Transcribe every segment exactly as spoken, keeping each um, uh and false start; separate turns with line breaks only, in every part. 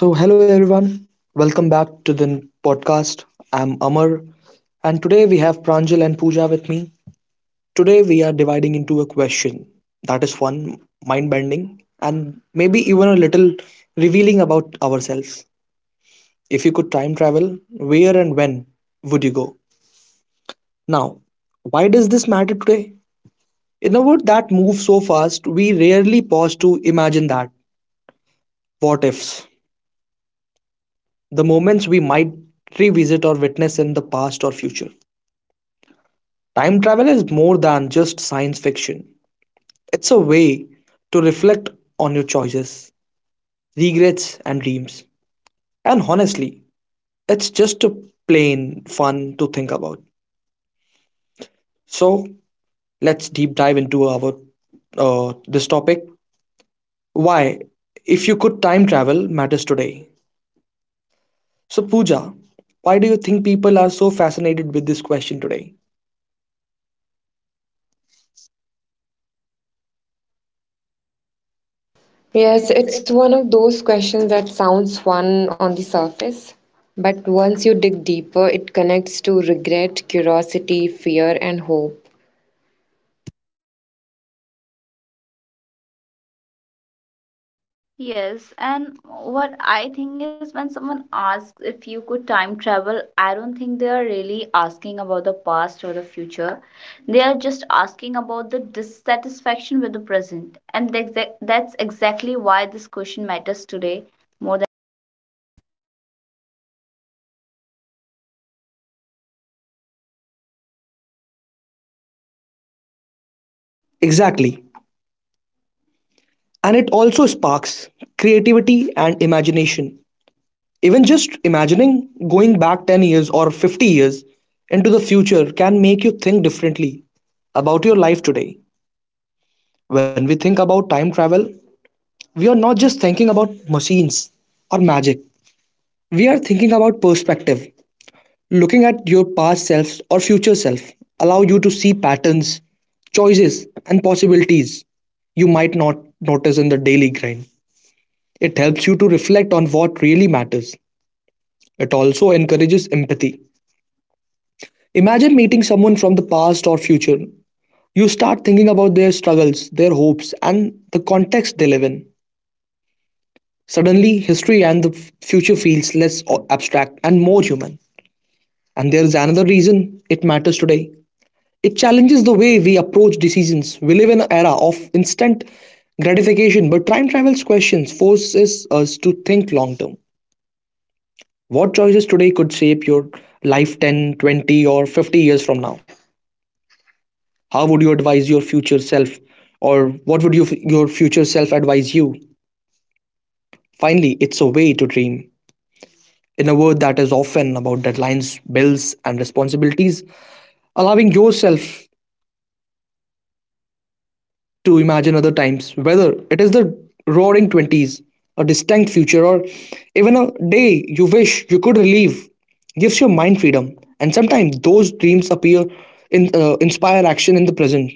So, hello everyone. Welcome back to the n- podcast. I'm Amar, and today we have Pranjal and Pooja with me. Today we are dividing into a question that is fun, mind bending, and maybe even a little revealing about ourselves. If you could time travel, where and when would you go? Now, why does this matter today? In a world that moves so fast, we rarely pause to imagine that what ifs, the moments we might revisit or witness in the past or future. Time travel is more than just science fiction. It's a way to reflect on your choices, regrets, and dreams. And honestly, it's just a plain fun to think about. So let's deep dive into our uh, this topic. Why, if you could time travel, matters today. So Pooja, why do you think people are so fascinated with this question today?
Yes,
Yes,
it's
it's
one of those questions that sounds fun on the surface, but once you dig deeper, it connects to regret, curiosity, fear, and hope.
Yes, and what I think is when someone asks if you could time travel, I don't think they are really asking about the past or the future. They are just asking about the dissatisfaction with the present. And the exact that's exactly why this question matters today more than
Exactly. And it also sparks creativity and imagination. Even just imagining going back ten years or fifty years into the future can make you think differently about your life today. When we think about time travel, we are not just thinking about machines or magic. We are thinking about perspective. Looking at your past self or future self allow you to see patterns, choices and possibilities you might not notice in the daily grind. It helps you to reflect on what really matters. It also encourages empathy. Imagine meeting someone from the past or future. You start thinking about their struggles, their hopes, and the context they live in. Suddenly, history and the f- future feels less o- abstract and more human. And there is another reason it matters today. It challenges the way we approach decisions. We live in an era of instant gratification, but time travel's questions forces us to think long term. What choices today could shape your life ten, twenty, or fifty years from now? How would you advise your future self, or what would you, your future self advise you? Finally, it's a way to dream. In a world that is often about deadlines, bills and responsibilities, allowing yourself to imagine other times, whether it is the roaring twenties, a distinct future, or even a day you wish you could relive, gives your mind freedom, and sometimes those dreams appear in uh, inspire action in the present.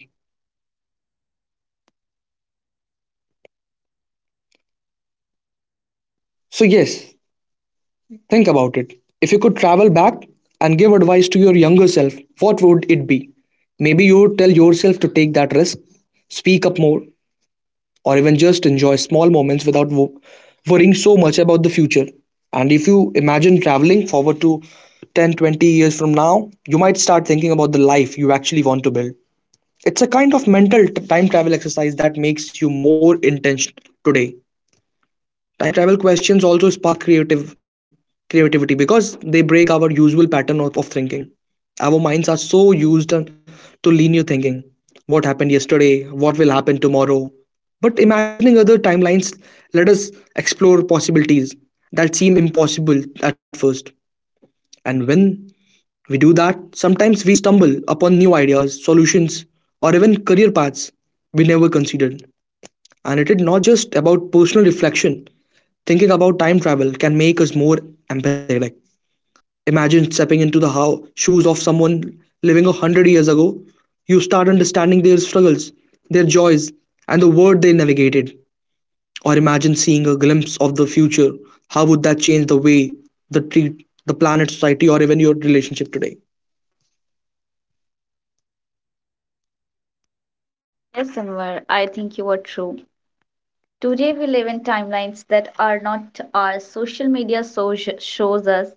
So yes, think about it. If you could travel back and give advice to your younger self, what would it be? Maybe you would tell yourself to take that risk, speak up more, or even just enjoy small moments without wo- worrying so much about the future. And if you imagine traveling forward to ten, twenty years from now, you might start thinking about the life you actually want to build. It's a kind of mental t- time travel exercise that makes you more intentional today. Time travel questions also spark creative creativity because they break our usual pattern of, of thinking. Our minds are so used on- to linear thinking. What happened yesterday, what will happen tomorrow? But imagining other timelines let us explore possibilities that seem impossible at first, and when we do that, sometimes we stumble upon new ideas, solutions, or even career paths we never considered. And it is not just about personal reflection. Thinking about time travel can make us more empathetic. Like, imagine stepping into the how shoes of someone living a hundred years ago. You start understanding their struggles, their joys, and the world they navigated. Or imagine seeing a glimpse of the future. How would that change the way the treat the planet, society, or even your relationship today?
yes, Samvar, I think you are true. Today we live in timelines that are not ours. Social media so shows us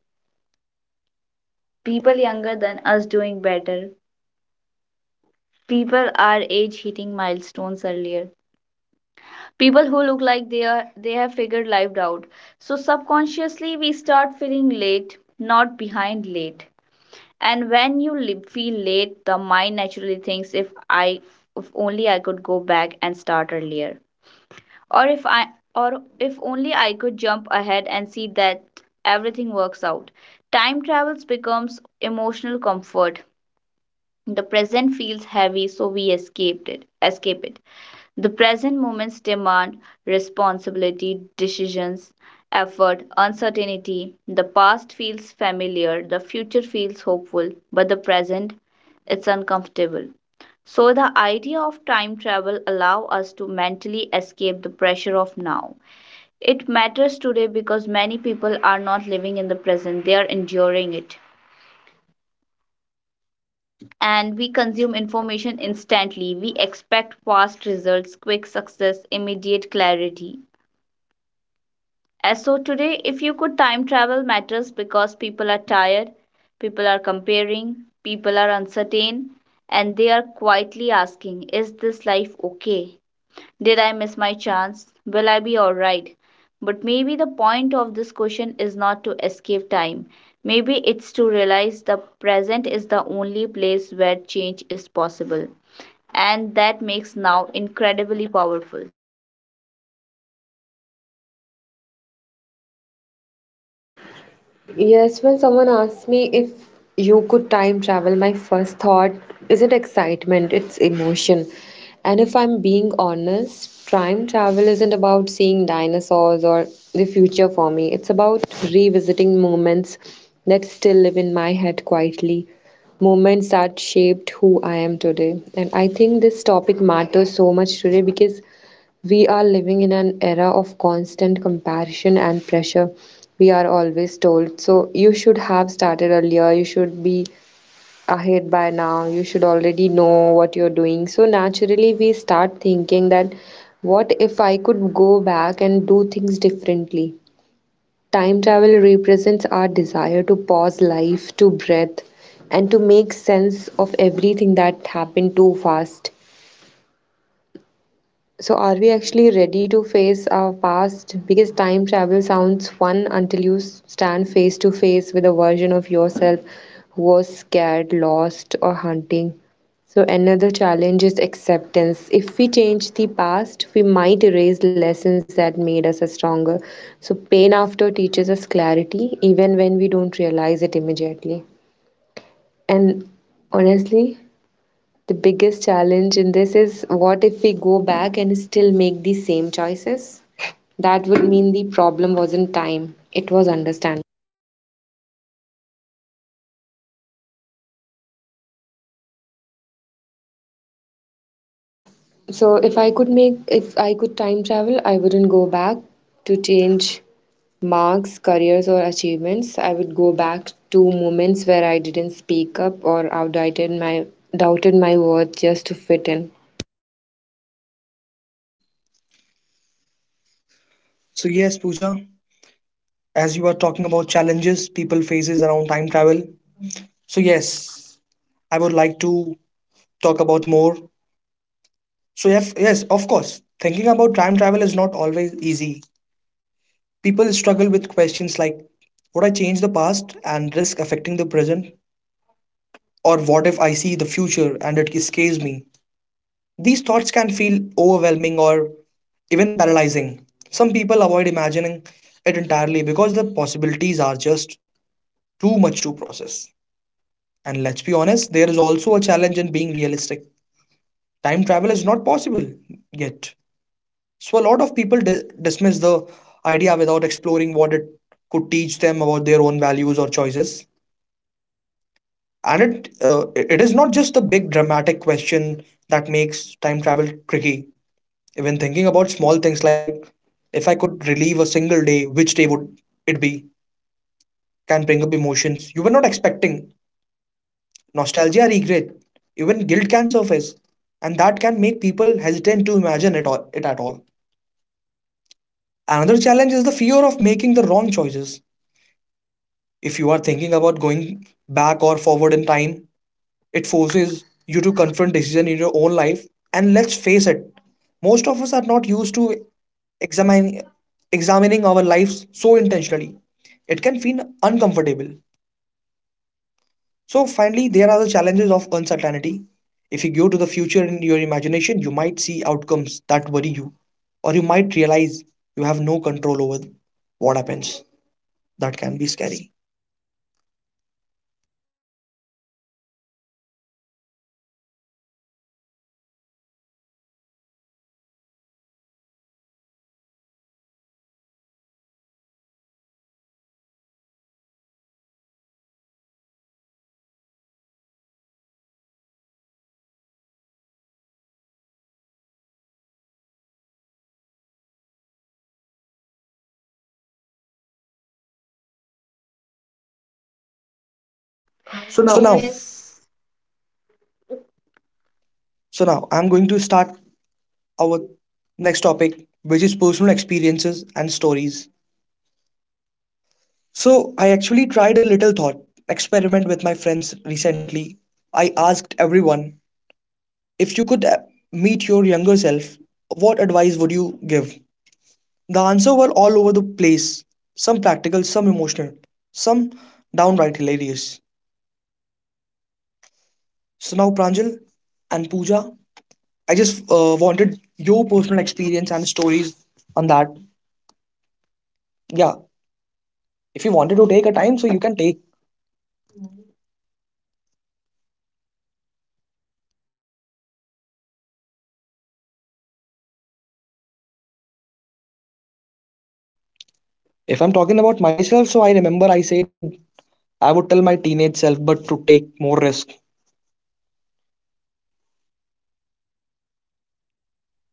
people younger than us doing better. People our age hitting milestones earlier, people who look like they are they have figured life out. So subconsciously we start feeling late, not behind, late. And when you li- feel late, the mind naturally thinks, if I if only I could go back and start earlier, or if i or if only I could jump ahead and see that everything works out. Time travels becomes emotional comfort. The present feels heavy, so we escaped it escape it. The present moments demand responsibility, decisions, effort, uncertainty. The past feels familiar, the future feels hopeful, but the present, it's uncomfortable. So the idea of time travel allows us to mentally escape the pressure of now. It matters today because many people are not living in the present, they are enduring it. And we consume information instantly. We expect fast results, quick success, immediate clarity. Uh, so today, if you could, time travel matters because people are tired, people are comparing, people are uncertain, and they are quietly asking, is this life okay? Did I miss my chance? Will I be alright? But maybe the point of this question is not to escape time. Maybe it's to realize the present is the only place where change is possible. And that makes now incredibly powerful.
Yes, when someone asks me if you could time travel, my first thought isn't excitement, it's emotion. And if I'm being honest, time travel isn't about seeing dinosaurs or the future for me. It's about revisiting moments that still live in my head quietly, moments that shaped who I am today. And I think this topic matters so much today because we are living in an era of constant comparison and pressure. We are always told, so you should have started earlier, you should be ahead by now, you should already know what you're doing. So naturally, we start thinking that what if I could go back and do things differently? Time travel represents our desire to pause life, to breathe, and to make sense of everything that happened too fast. So, are we actually ready to face our past? Because time travel sounds fun until you s- stand face to face with a version of yourself who was scared, lost, or hunting. So, another challenge is acceptance. If we change the past, we might erase lessons that made us stronger. So, pain after teaches us clarity, even when we don't realize it immediately. And honestly, the biggest challenge in this is what if we go back and still make the same choices? That would mean the problem wasn't time, it was understanding. So if I could make if I could time travel, I wouldn't go back to change marks, careers or achievements. I would go back to moments where I didn't speak up or outdated my doubted my worth just to fit in.
So yes, Pooja, as you are talking about challenges people faces around time travel. So yes, I would like to talk about more. So yes, yes, of course. Thinking about time travel is not always easy. People struggle with questions like, would I change the past and risk affecting the present? Or what if I see the future and it scares me? These thoughts can feel overwhelming or even paralyzing. Some people avoid imagining it entirely because the possibilities are just too much to process. And let's be honest, there is also a challenge in being realistic. Time travel is not possible yet. So a lot of people di- dismiss the idea without exploring what it could teach them about their own values or choices. And it uh, it is not just the big dramatic question that makes time travel tricky. Even thinking about small things like, if I could relive a single day, which day would it be? Can bring up emotions you were not expecting. Nostalgia, regret, even guilt can surface, and that can make people hesitant to imagine it, all, it at all. Another challenge is the fear of making the wrong choices. If you are thinking about going back or forward in time, it forces you to confront decision in your own life. And let's face it, most of us are not used to examining examining our lives so intentionally. It can feel uncomfortable. So finally, there are the challenges of uncertainty. If you go to the future in your imagination, you might see outcomes that worry you, or you might realize you have no control over what happens. That can be scary. So now, yes.
Yes.
So now I'm going to start our next topic, which is personal experiences and stories. So I actually tried a little thought experiment with my friends recently. I asked everyone, if you could uh, meet your younger self, what advice would you give? The answer were all over the place. Some practical, some emotional, some downright hilarious. So now Pranjal and Pooja, I just uh, wanted your personal experience and stories on that. Yeah, if you wanted to take a time so you can take. If I'm talking about myself, so I remember I said I would tell my teenage self but to take more risk.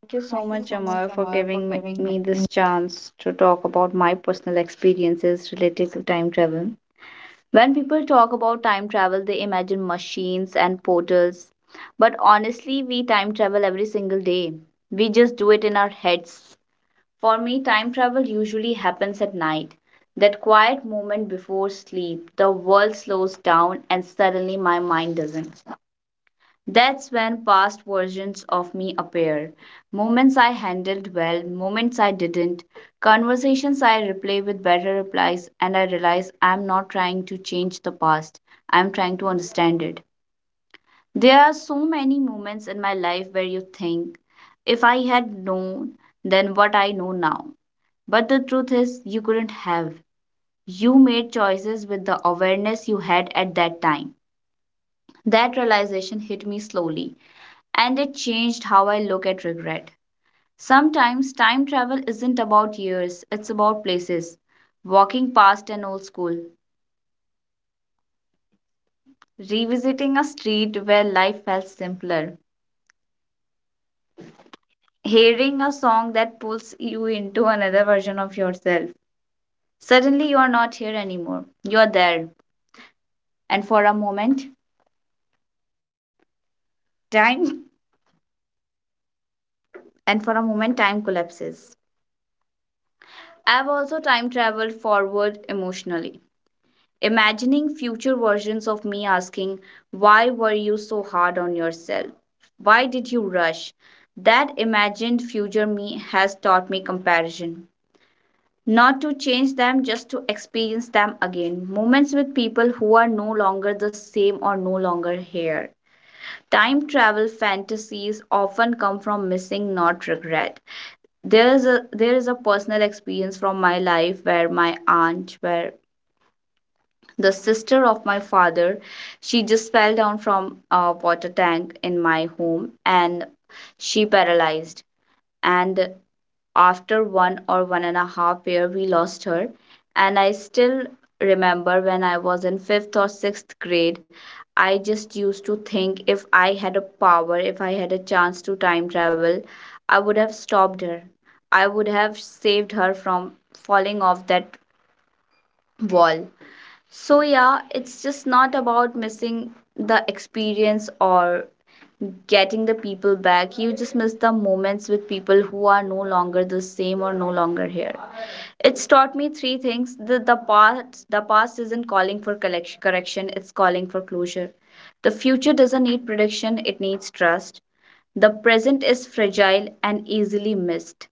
Thank you
Thank
so
you so
much,
much,
Amar, for
Amar, for
giving me
giving
me
me.
this chance to talk about my personal experiences related to time travel. When people talk about time travel, they imagine machines and portals. But honestly, we time travel every single day. We just do it in our heads. For me, time travel usually happens at night. That quiet moment before sleep, the world slows down and suddenly my mind doesn't. That's when past versions of me appear. Moments I handled well, moments I didn't, conversations I replay with better replies, and I realize I'm not trying to change the past, I'm trying to understand it. There are so many moments in my life where you think, if I had known, then what I know now. But the truth is, you couldn't have. You made choices with the awareness you had at that time. That realization hit me slowly and it changed how I look at regret. Sometimes time travel isn't about years, it's about places. Walking past an old school, revisiting a street where life felt simpler, hearing a song that pulls you into another version of yourself. Suddenly, you are not here anymore. You are there. And for a moment, time and for a moment, time collapses. I've also time traveled forward emotionally, imagining future versions of me asking, why were you so hard on yourself? Why did you rush? That imagined future me has taught me comparison. Not to change them, just to experience them again. Moments with people who are no longer the same or no longer here. Time travel fantasies often come from missing, not regret. There is a there is a personal experience from my life where my aunt, where the sister of my father, she just fell down from a water tank in my home and she paralyzed, and after one or one and a half year we lost her. And I still remember when I was in fifth or sixth grade, I just used to think, if I had a power, if I had a chance to time travel, I would have stopped her. I would have saved her from falling off that wall. So, yeah, it's just not about missing the experience or getting the people back. You just miss the moments with people who are no longer the same or no longer here. It's taught me three things. The, the past the past isn't calling for collection, correction, it's calling for closure. The future doesn't need prediction, it needs trust. The present is fragile and easily missed.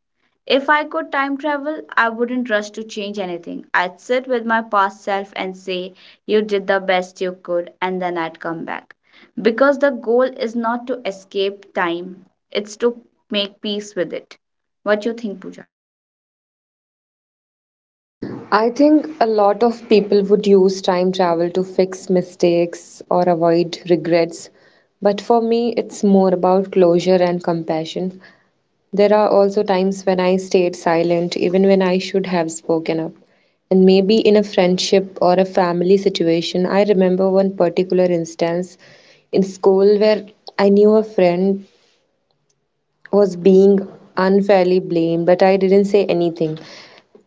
If I could time travel, I wouldn't rush to change anything. I'd sit with my past self and say, you did the best you could, and then I'd come back. Because the goal is not to escape time, it's to make peace with it. What you think, Pooja?
I think a lot of people would use time travel to fix mistakes or avoid regrets, but for me, it's more about closure and compassion. There are also times when I stayed silent, even when I should have spoken up. And maybe in a friendship or a family situation, I remember one particular instance in school where I knew a friend was being unfairly blamed, but I didn't say anything.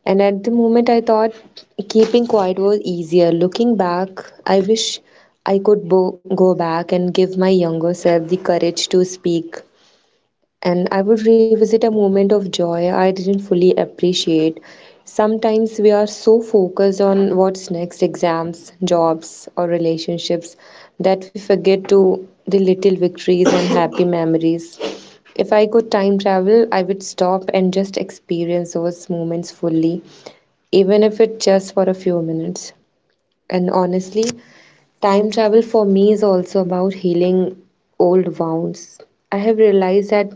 And at the moment, I thought keeping quiet was easier. Looking back, I wish I could bo- go back and give my younger self the courage to speak. And I would revisit a moment of joy I didn't fully appreciate. Sometimes we are so focused on what's next exams, jobs, or relationships that we forget to the little victories and happy memories. If I could time travel, I would stop and just experience those moments fully even if it's just for a few minutes. And honestly, time travel for me is also about healing old wounds. I have realized that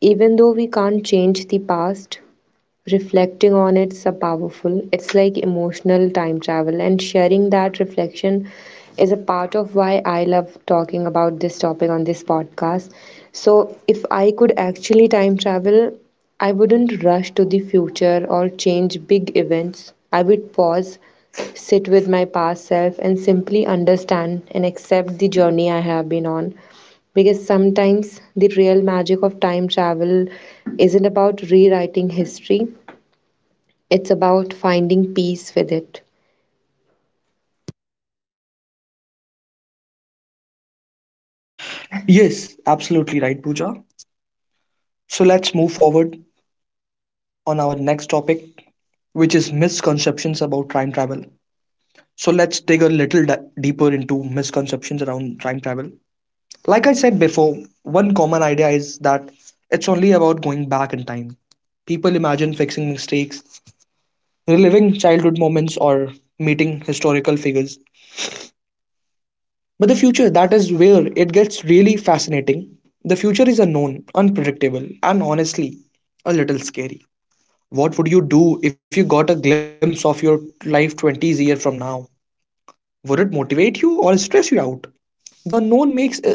even though we can't change the past, reflecting on it's a powerful. It's like emotional time travel and sharing that reflection is a part of why I love talking about this topic on this podcast. So, if I could actually time travel, I wouldn't rush to the future or change big events. I would pause, sit with my past self, and simply understand and accept the journey I have been on. Because sometimes the real magic of time travel isn't about rewriting history, it's about finding peace with it.
Yes, absolutely right Pooja. So let's move forward on our next topic, which is misconceptions about time travel. So let's dig a little di- deeper into misconceptions around time travel. Like I said before, one common idea is that it's only about going back in time. People imagine fixing mistakes, reliving childhood moments, or meeting historical figures. But the future, that is where it gets really fascinating. The future is unknown, unpredictable, and honestly, a little scary. What would you do if you got a glimpse of your life twenties year from now? Would it motivate you or stress you out? The unknown makes it,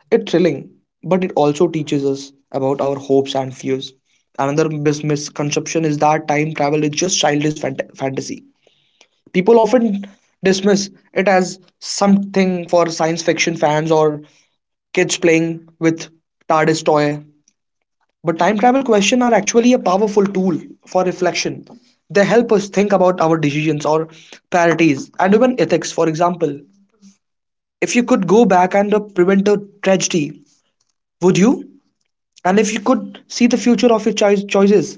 it thrilling, but it also teaches us about our hopes and fears. Another mis- misconception is that time travel is just childish fant- fantasy. People often dismiss it as something for science fiction fans or kids playing with TARDIS toy. But time travel questions are actually a powerful tool for reflection. They help us think about our decisions or priorities and even ethics, for example. If you could go back and uh, prevent a tragedy, would you? And if you could see the future of your choi- choices,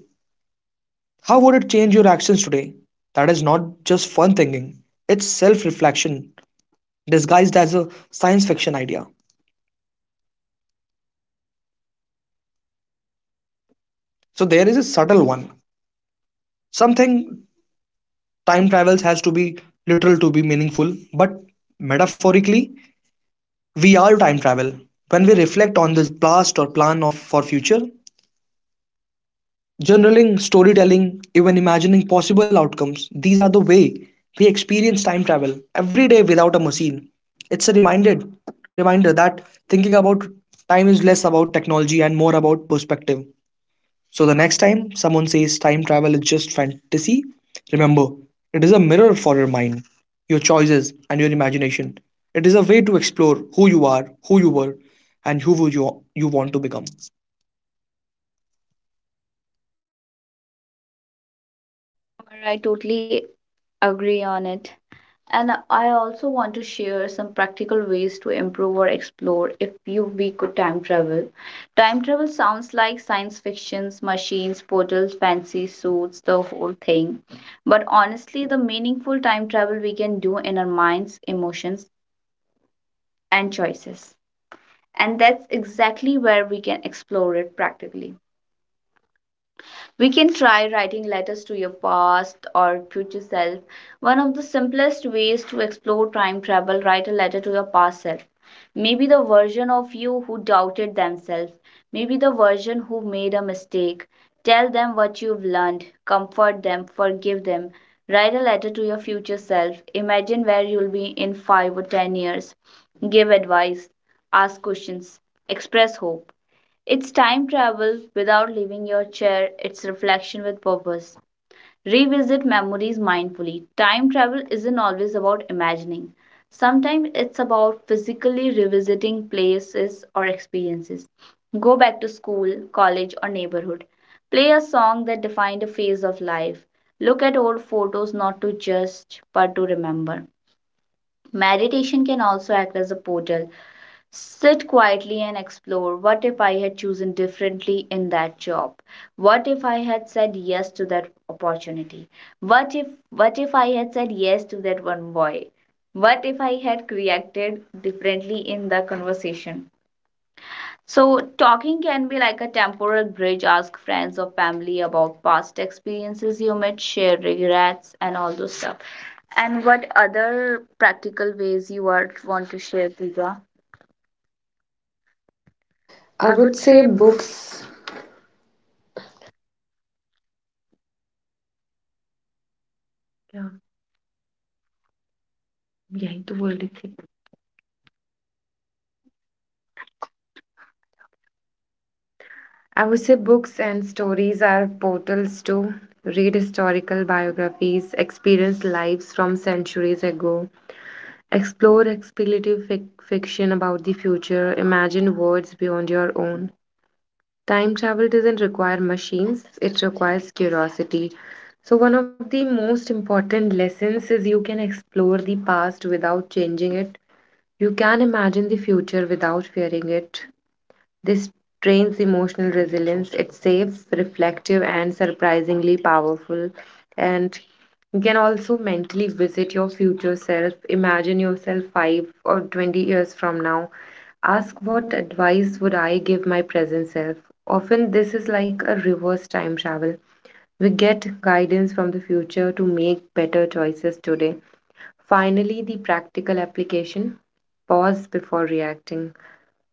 how would it change your actions today? That is not just fun thinking, it's self reflection disguised as a science fiction idea. So there is a subtle one. Something time travels has to be literal to be meaningful, but metaphorically, we are time travel. When we reflect on this past or plan of for future, journaling, storytelling, even imagining possible outcomes, these are the way we experience time travel every day without a machine. It's a reminded reminder that thinking about time is less about technology and more about perspective. So the next time someone says time travel is just fantasy, remember, it is a mirror for your mind, your choices, and your imagination. It is a way to explore who you are, who you were, and who would you, you want to become.
However, I totally agree on it. And I also want to share some practical ways to improve or explore if you we could time travel. Time travel sounds like science fictions, machines, portals, fancy suits, the whole thing. But honestly, the meaningful time travel we can do in our minds, emotions, and choices. And that's exactly where we can explore it practically. We can try writing letters to your past or future self. One of the simplest ways to explore time travel, write a letter to your past self. Maybe the version of you who doubted themselves, maybe the version who made a mistake. Tell them what you've learned, comfort them, forgive them. Write a letter to your future self. Imagine where you'll be in five or ten years. Give advice, ask questions, express hope. It's time travel without leaving your chair, it's reflection with purpose. Revisit memories mindfully. Time travel isn't always about imagining. Sometimes it's about physically revisiting places or experiences. Go back to school, college, or neighborhood. Play a song that defined a phase of life. Look at old photos, not to judge but to remember. Meditation can also act as a portal. Sit quietly and explore. What if I had chosen differently in that job? What if I had said yes to that opportunity? What if what if I had said yes to that one boy? What if I had reacted differently in the conversation? So talking can be like a temporal bridge. Ask friends or family about past experiences, you might share regrets and all those stuff. And what other practical ways you are want to share, Pooja?
I would say books
Yeah. Yeah, itu बोल रही थी. I would say books and stories are portals to read historical biographies, experience lives from centuries ago, explore speculative fic fiction about the future, imagine worlds beyond your own. Time travel doesn't require machines, it requires curiosity. So, one of the most important lessons is you can explore the past without changing it. You can imagine the future without fearing it. This trains emotional resilience. It's safe, reflective, and surprisingly powerful. And you can also mentally visit your future self. Imagine yourself five or twenty years from now. Ask, what advice would I give my present self? Often, this is like a reverse time travel. We get guidance from the future to make better choices today. Finally, the practical application, pause before reacting.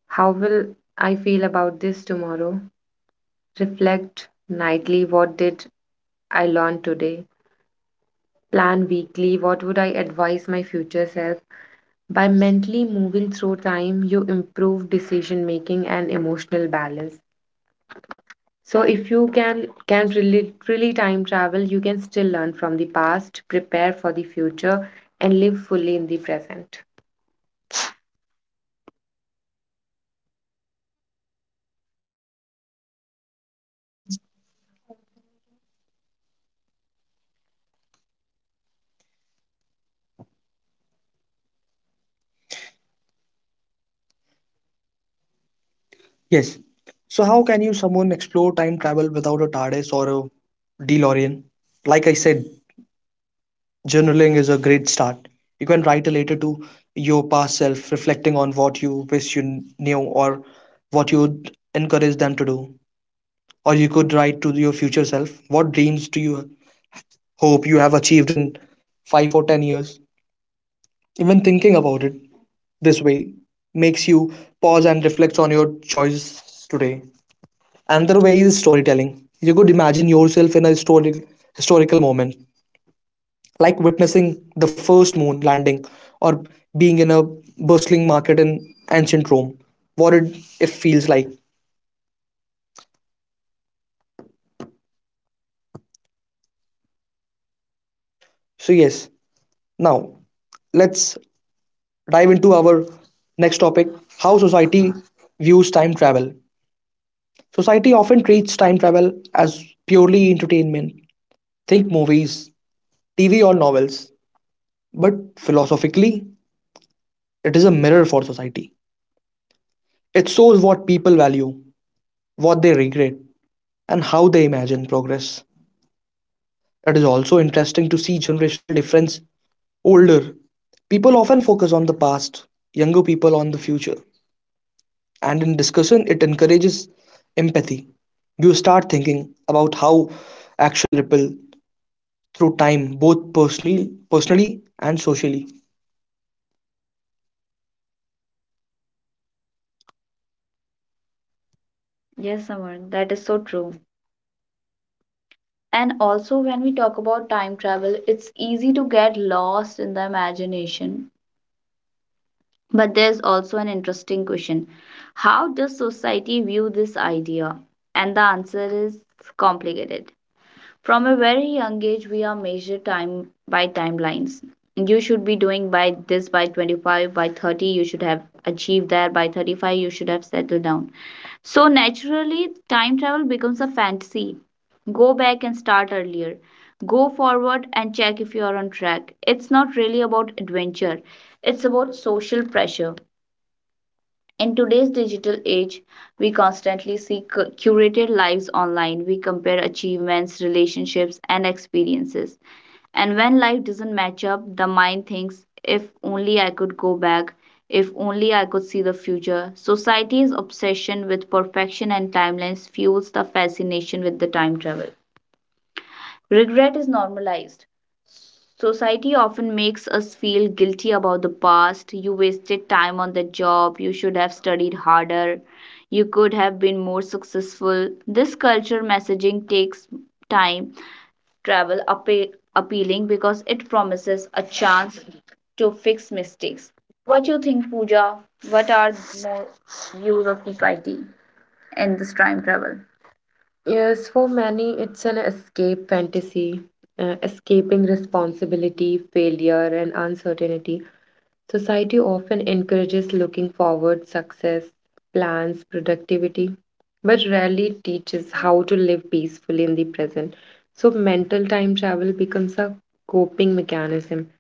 How will I feel about this tomorrow? Reflect nightly, what did I learn today? Plan weekly, what would I advise my future self? By mentally moving through time, you improve decision making and emotional balance. So if you can can really, really time travel, you can still learn from the past, prepare for the future, and live fully in the present.
Yes. So how can you someone explore time travel without a TARDIS or a DeLorean? Like I said, journaling is a great start. You can write a letter to your past self, reflecting on what you wish you knew or what you would encourage them to do. Or you could write to your future self, what dreams do you hope you have achieved in five or ten years? Even thinking about it this way makes you pause and reflect on your choices today. Another way is storytelling. You could imagine yourself in a historic, historical moment, like witnessing the first moon landing, or being in a bustling market in ancient Rome. What it, it feels like. So yes, now let's dive into our next topic, how society views time travel. Society often treats time travel as purely entertainment. Think movies, T V, or novels. But philosophically, it is a mirror for society. It shows what people value, what they regret, and how they imagine progress. It is also interesting to see generational difference. Older people often focus on the past, younger people on the future. And in discussion it encourages empathy. You start thinking about how action ripple through time, both personally personally and socially.
Yes, Aman, that is so true. And also, when we talk about time travel, it's easy to get lost in the imagination. But there's also an interesting question, how does society view this idea? And the answer is complicated. From a very young age, we are measured time by timelines. You should be doing by this by twenty-five, by thirty, you should have achieved that, by thirty-five, you should have settled down. So, naturally, time travel becomes a fantasy. Go back and start earlier. Go forward and check if you are on track. It's not really about adventure, it's about social pressure. In today's digital age, we constantly see curated lives online. We compare achievements, relationships, and experiences. And when life doesn't match up, the mind thinks, if only I could go back, if only I could see the future. Society's obsession with perfection and timelines fuels the fascination with the time travel. Regret is normalized. Society often makes us feel guilty about the past. You wasted time on the job. You should have studied harder. You could have been more successful. This culture messaging takes time travel appe- appealing because it promises a chance to fix mistakes. What you think, Pooja? What are more views of society in this time travel? Yes, for many, it's an escape fantasy, uh, escaping responsibility, failure, and uncertainty. Society often encourages looking forward, success, plans, productivity, but rarely teaches how to live peacefully in the present. So, mental time travel becomes a coping mechanism.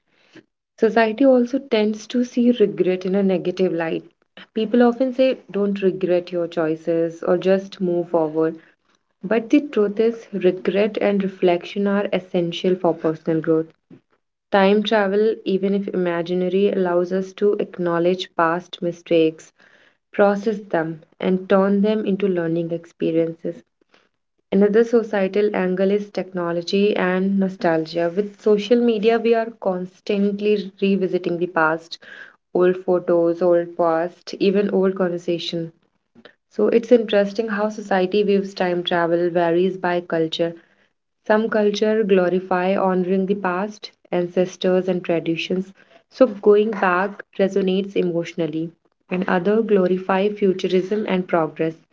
Society also tends to see regret in a negative light. People often say, don't regret your choices, or just move forward, but the truth is, regret and reflection are essential for personal growth. Time travel, even if imaginary, allows us to acknowledge past mistakes, process them, and turn them into learning experiences. Another societal angle is technology and nostalgia. With social media, we are constantly revisiting the past, old photos, old past, even old conversation. So it's interesting how society views time travel varies by culture. Some culture glorify honoring the past, ancestors and traditions, so going back resonates emotionally, and other glorify futurism and progress,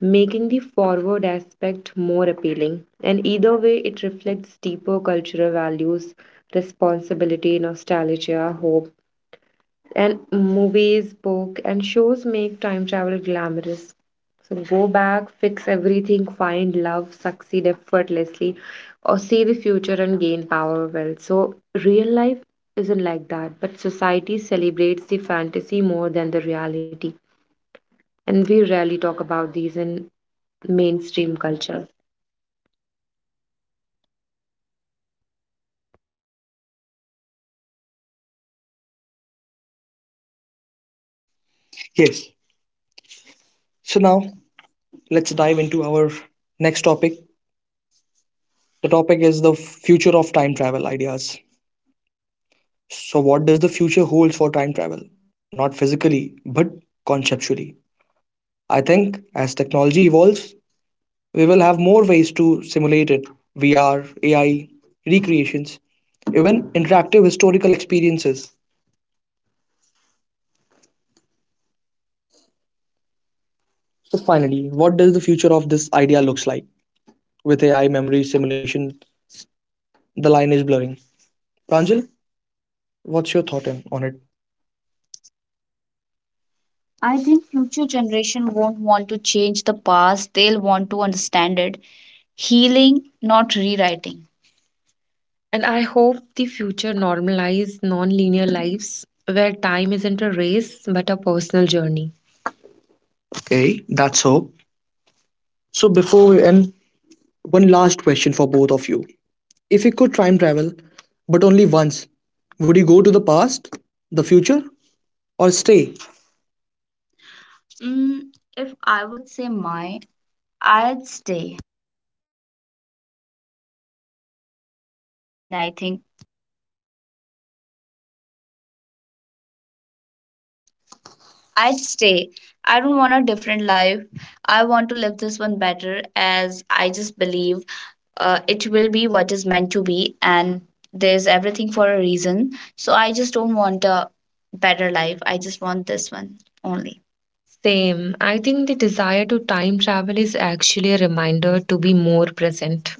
making the forward aspect more appealing. And either way, it reflects deeper cultural values, responsibility, nostalgia, hope, and movies, book, and shows make time travel glamorous. So go back, fix everything, find love, succeed effortlessly, or see the future and gain power wealth. So real life isn't like that, but society celebrates the fantasy more than the reality. And we rarely talk about these in mainstream culture.
Yes. So now let's dive into our next topic, the topic is the future of time travel ideas. So what does the future hold for time travel, not physically but conceptually? I think as technology evolves, we will have more ways to simulate it. V R, A I, recreations, even interactive historical experiences. So, finally, what does the future of this idea looks like? With A I, memory, simulation, the line is blurring. Pranjal, what's your thought in- on it? I think future generation won't want to change the past. They'll want to understand it. Healing, not rewriting. And I hope the future normalize non-linear lives where time isn't a race but a personal journey. Okay, that's hope. So before we end, one last question for both of you. If you could time travel, but only once, would you go to the past, the future, or stay? Mm, if I would say my, I'd stay. And I think I'd stay. I don't want a different life. I want to live this one better, as I just believe uh, it will be what is meant to be, and there's everything for a reason. So I just don't want a better life. I just want this one only. Same. I think the desire to time travel is actually a reminder to be more present.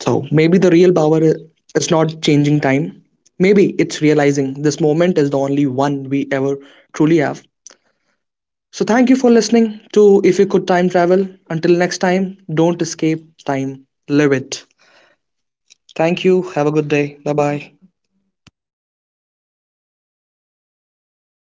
So maybe the real power i- is not changing time. Maybe it's realizing this moment is the only one we ever truly have. So, thank you for listening to If You Could Time Travel. Until next time, don't escape time, live it. Thank you. Have a good day. Bye bye.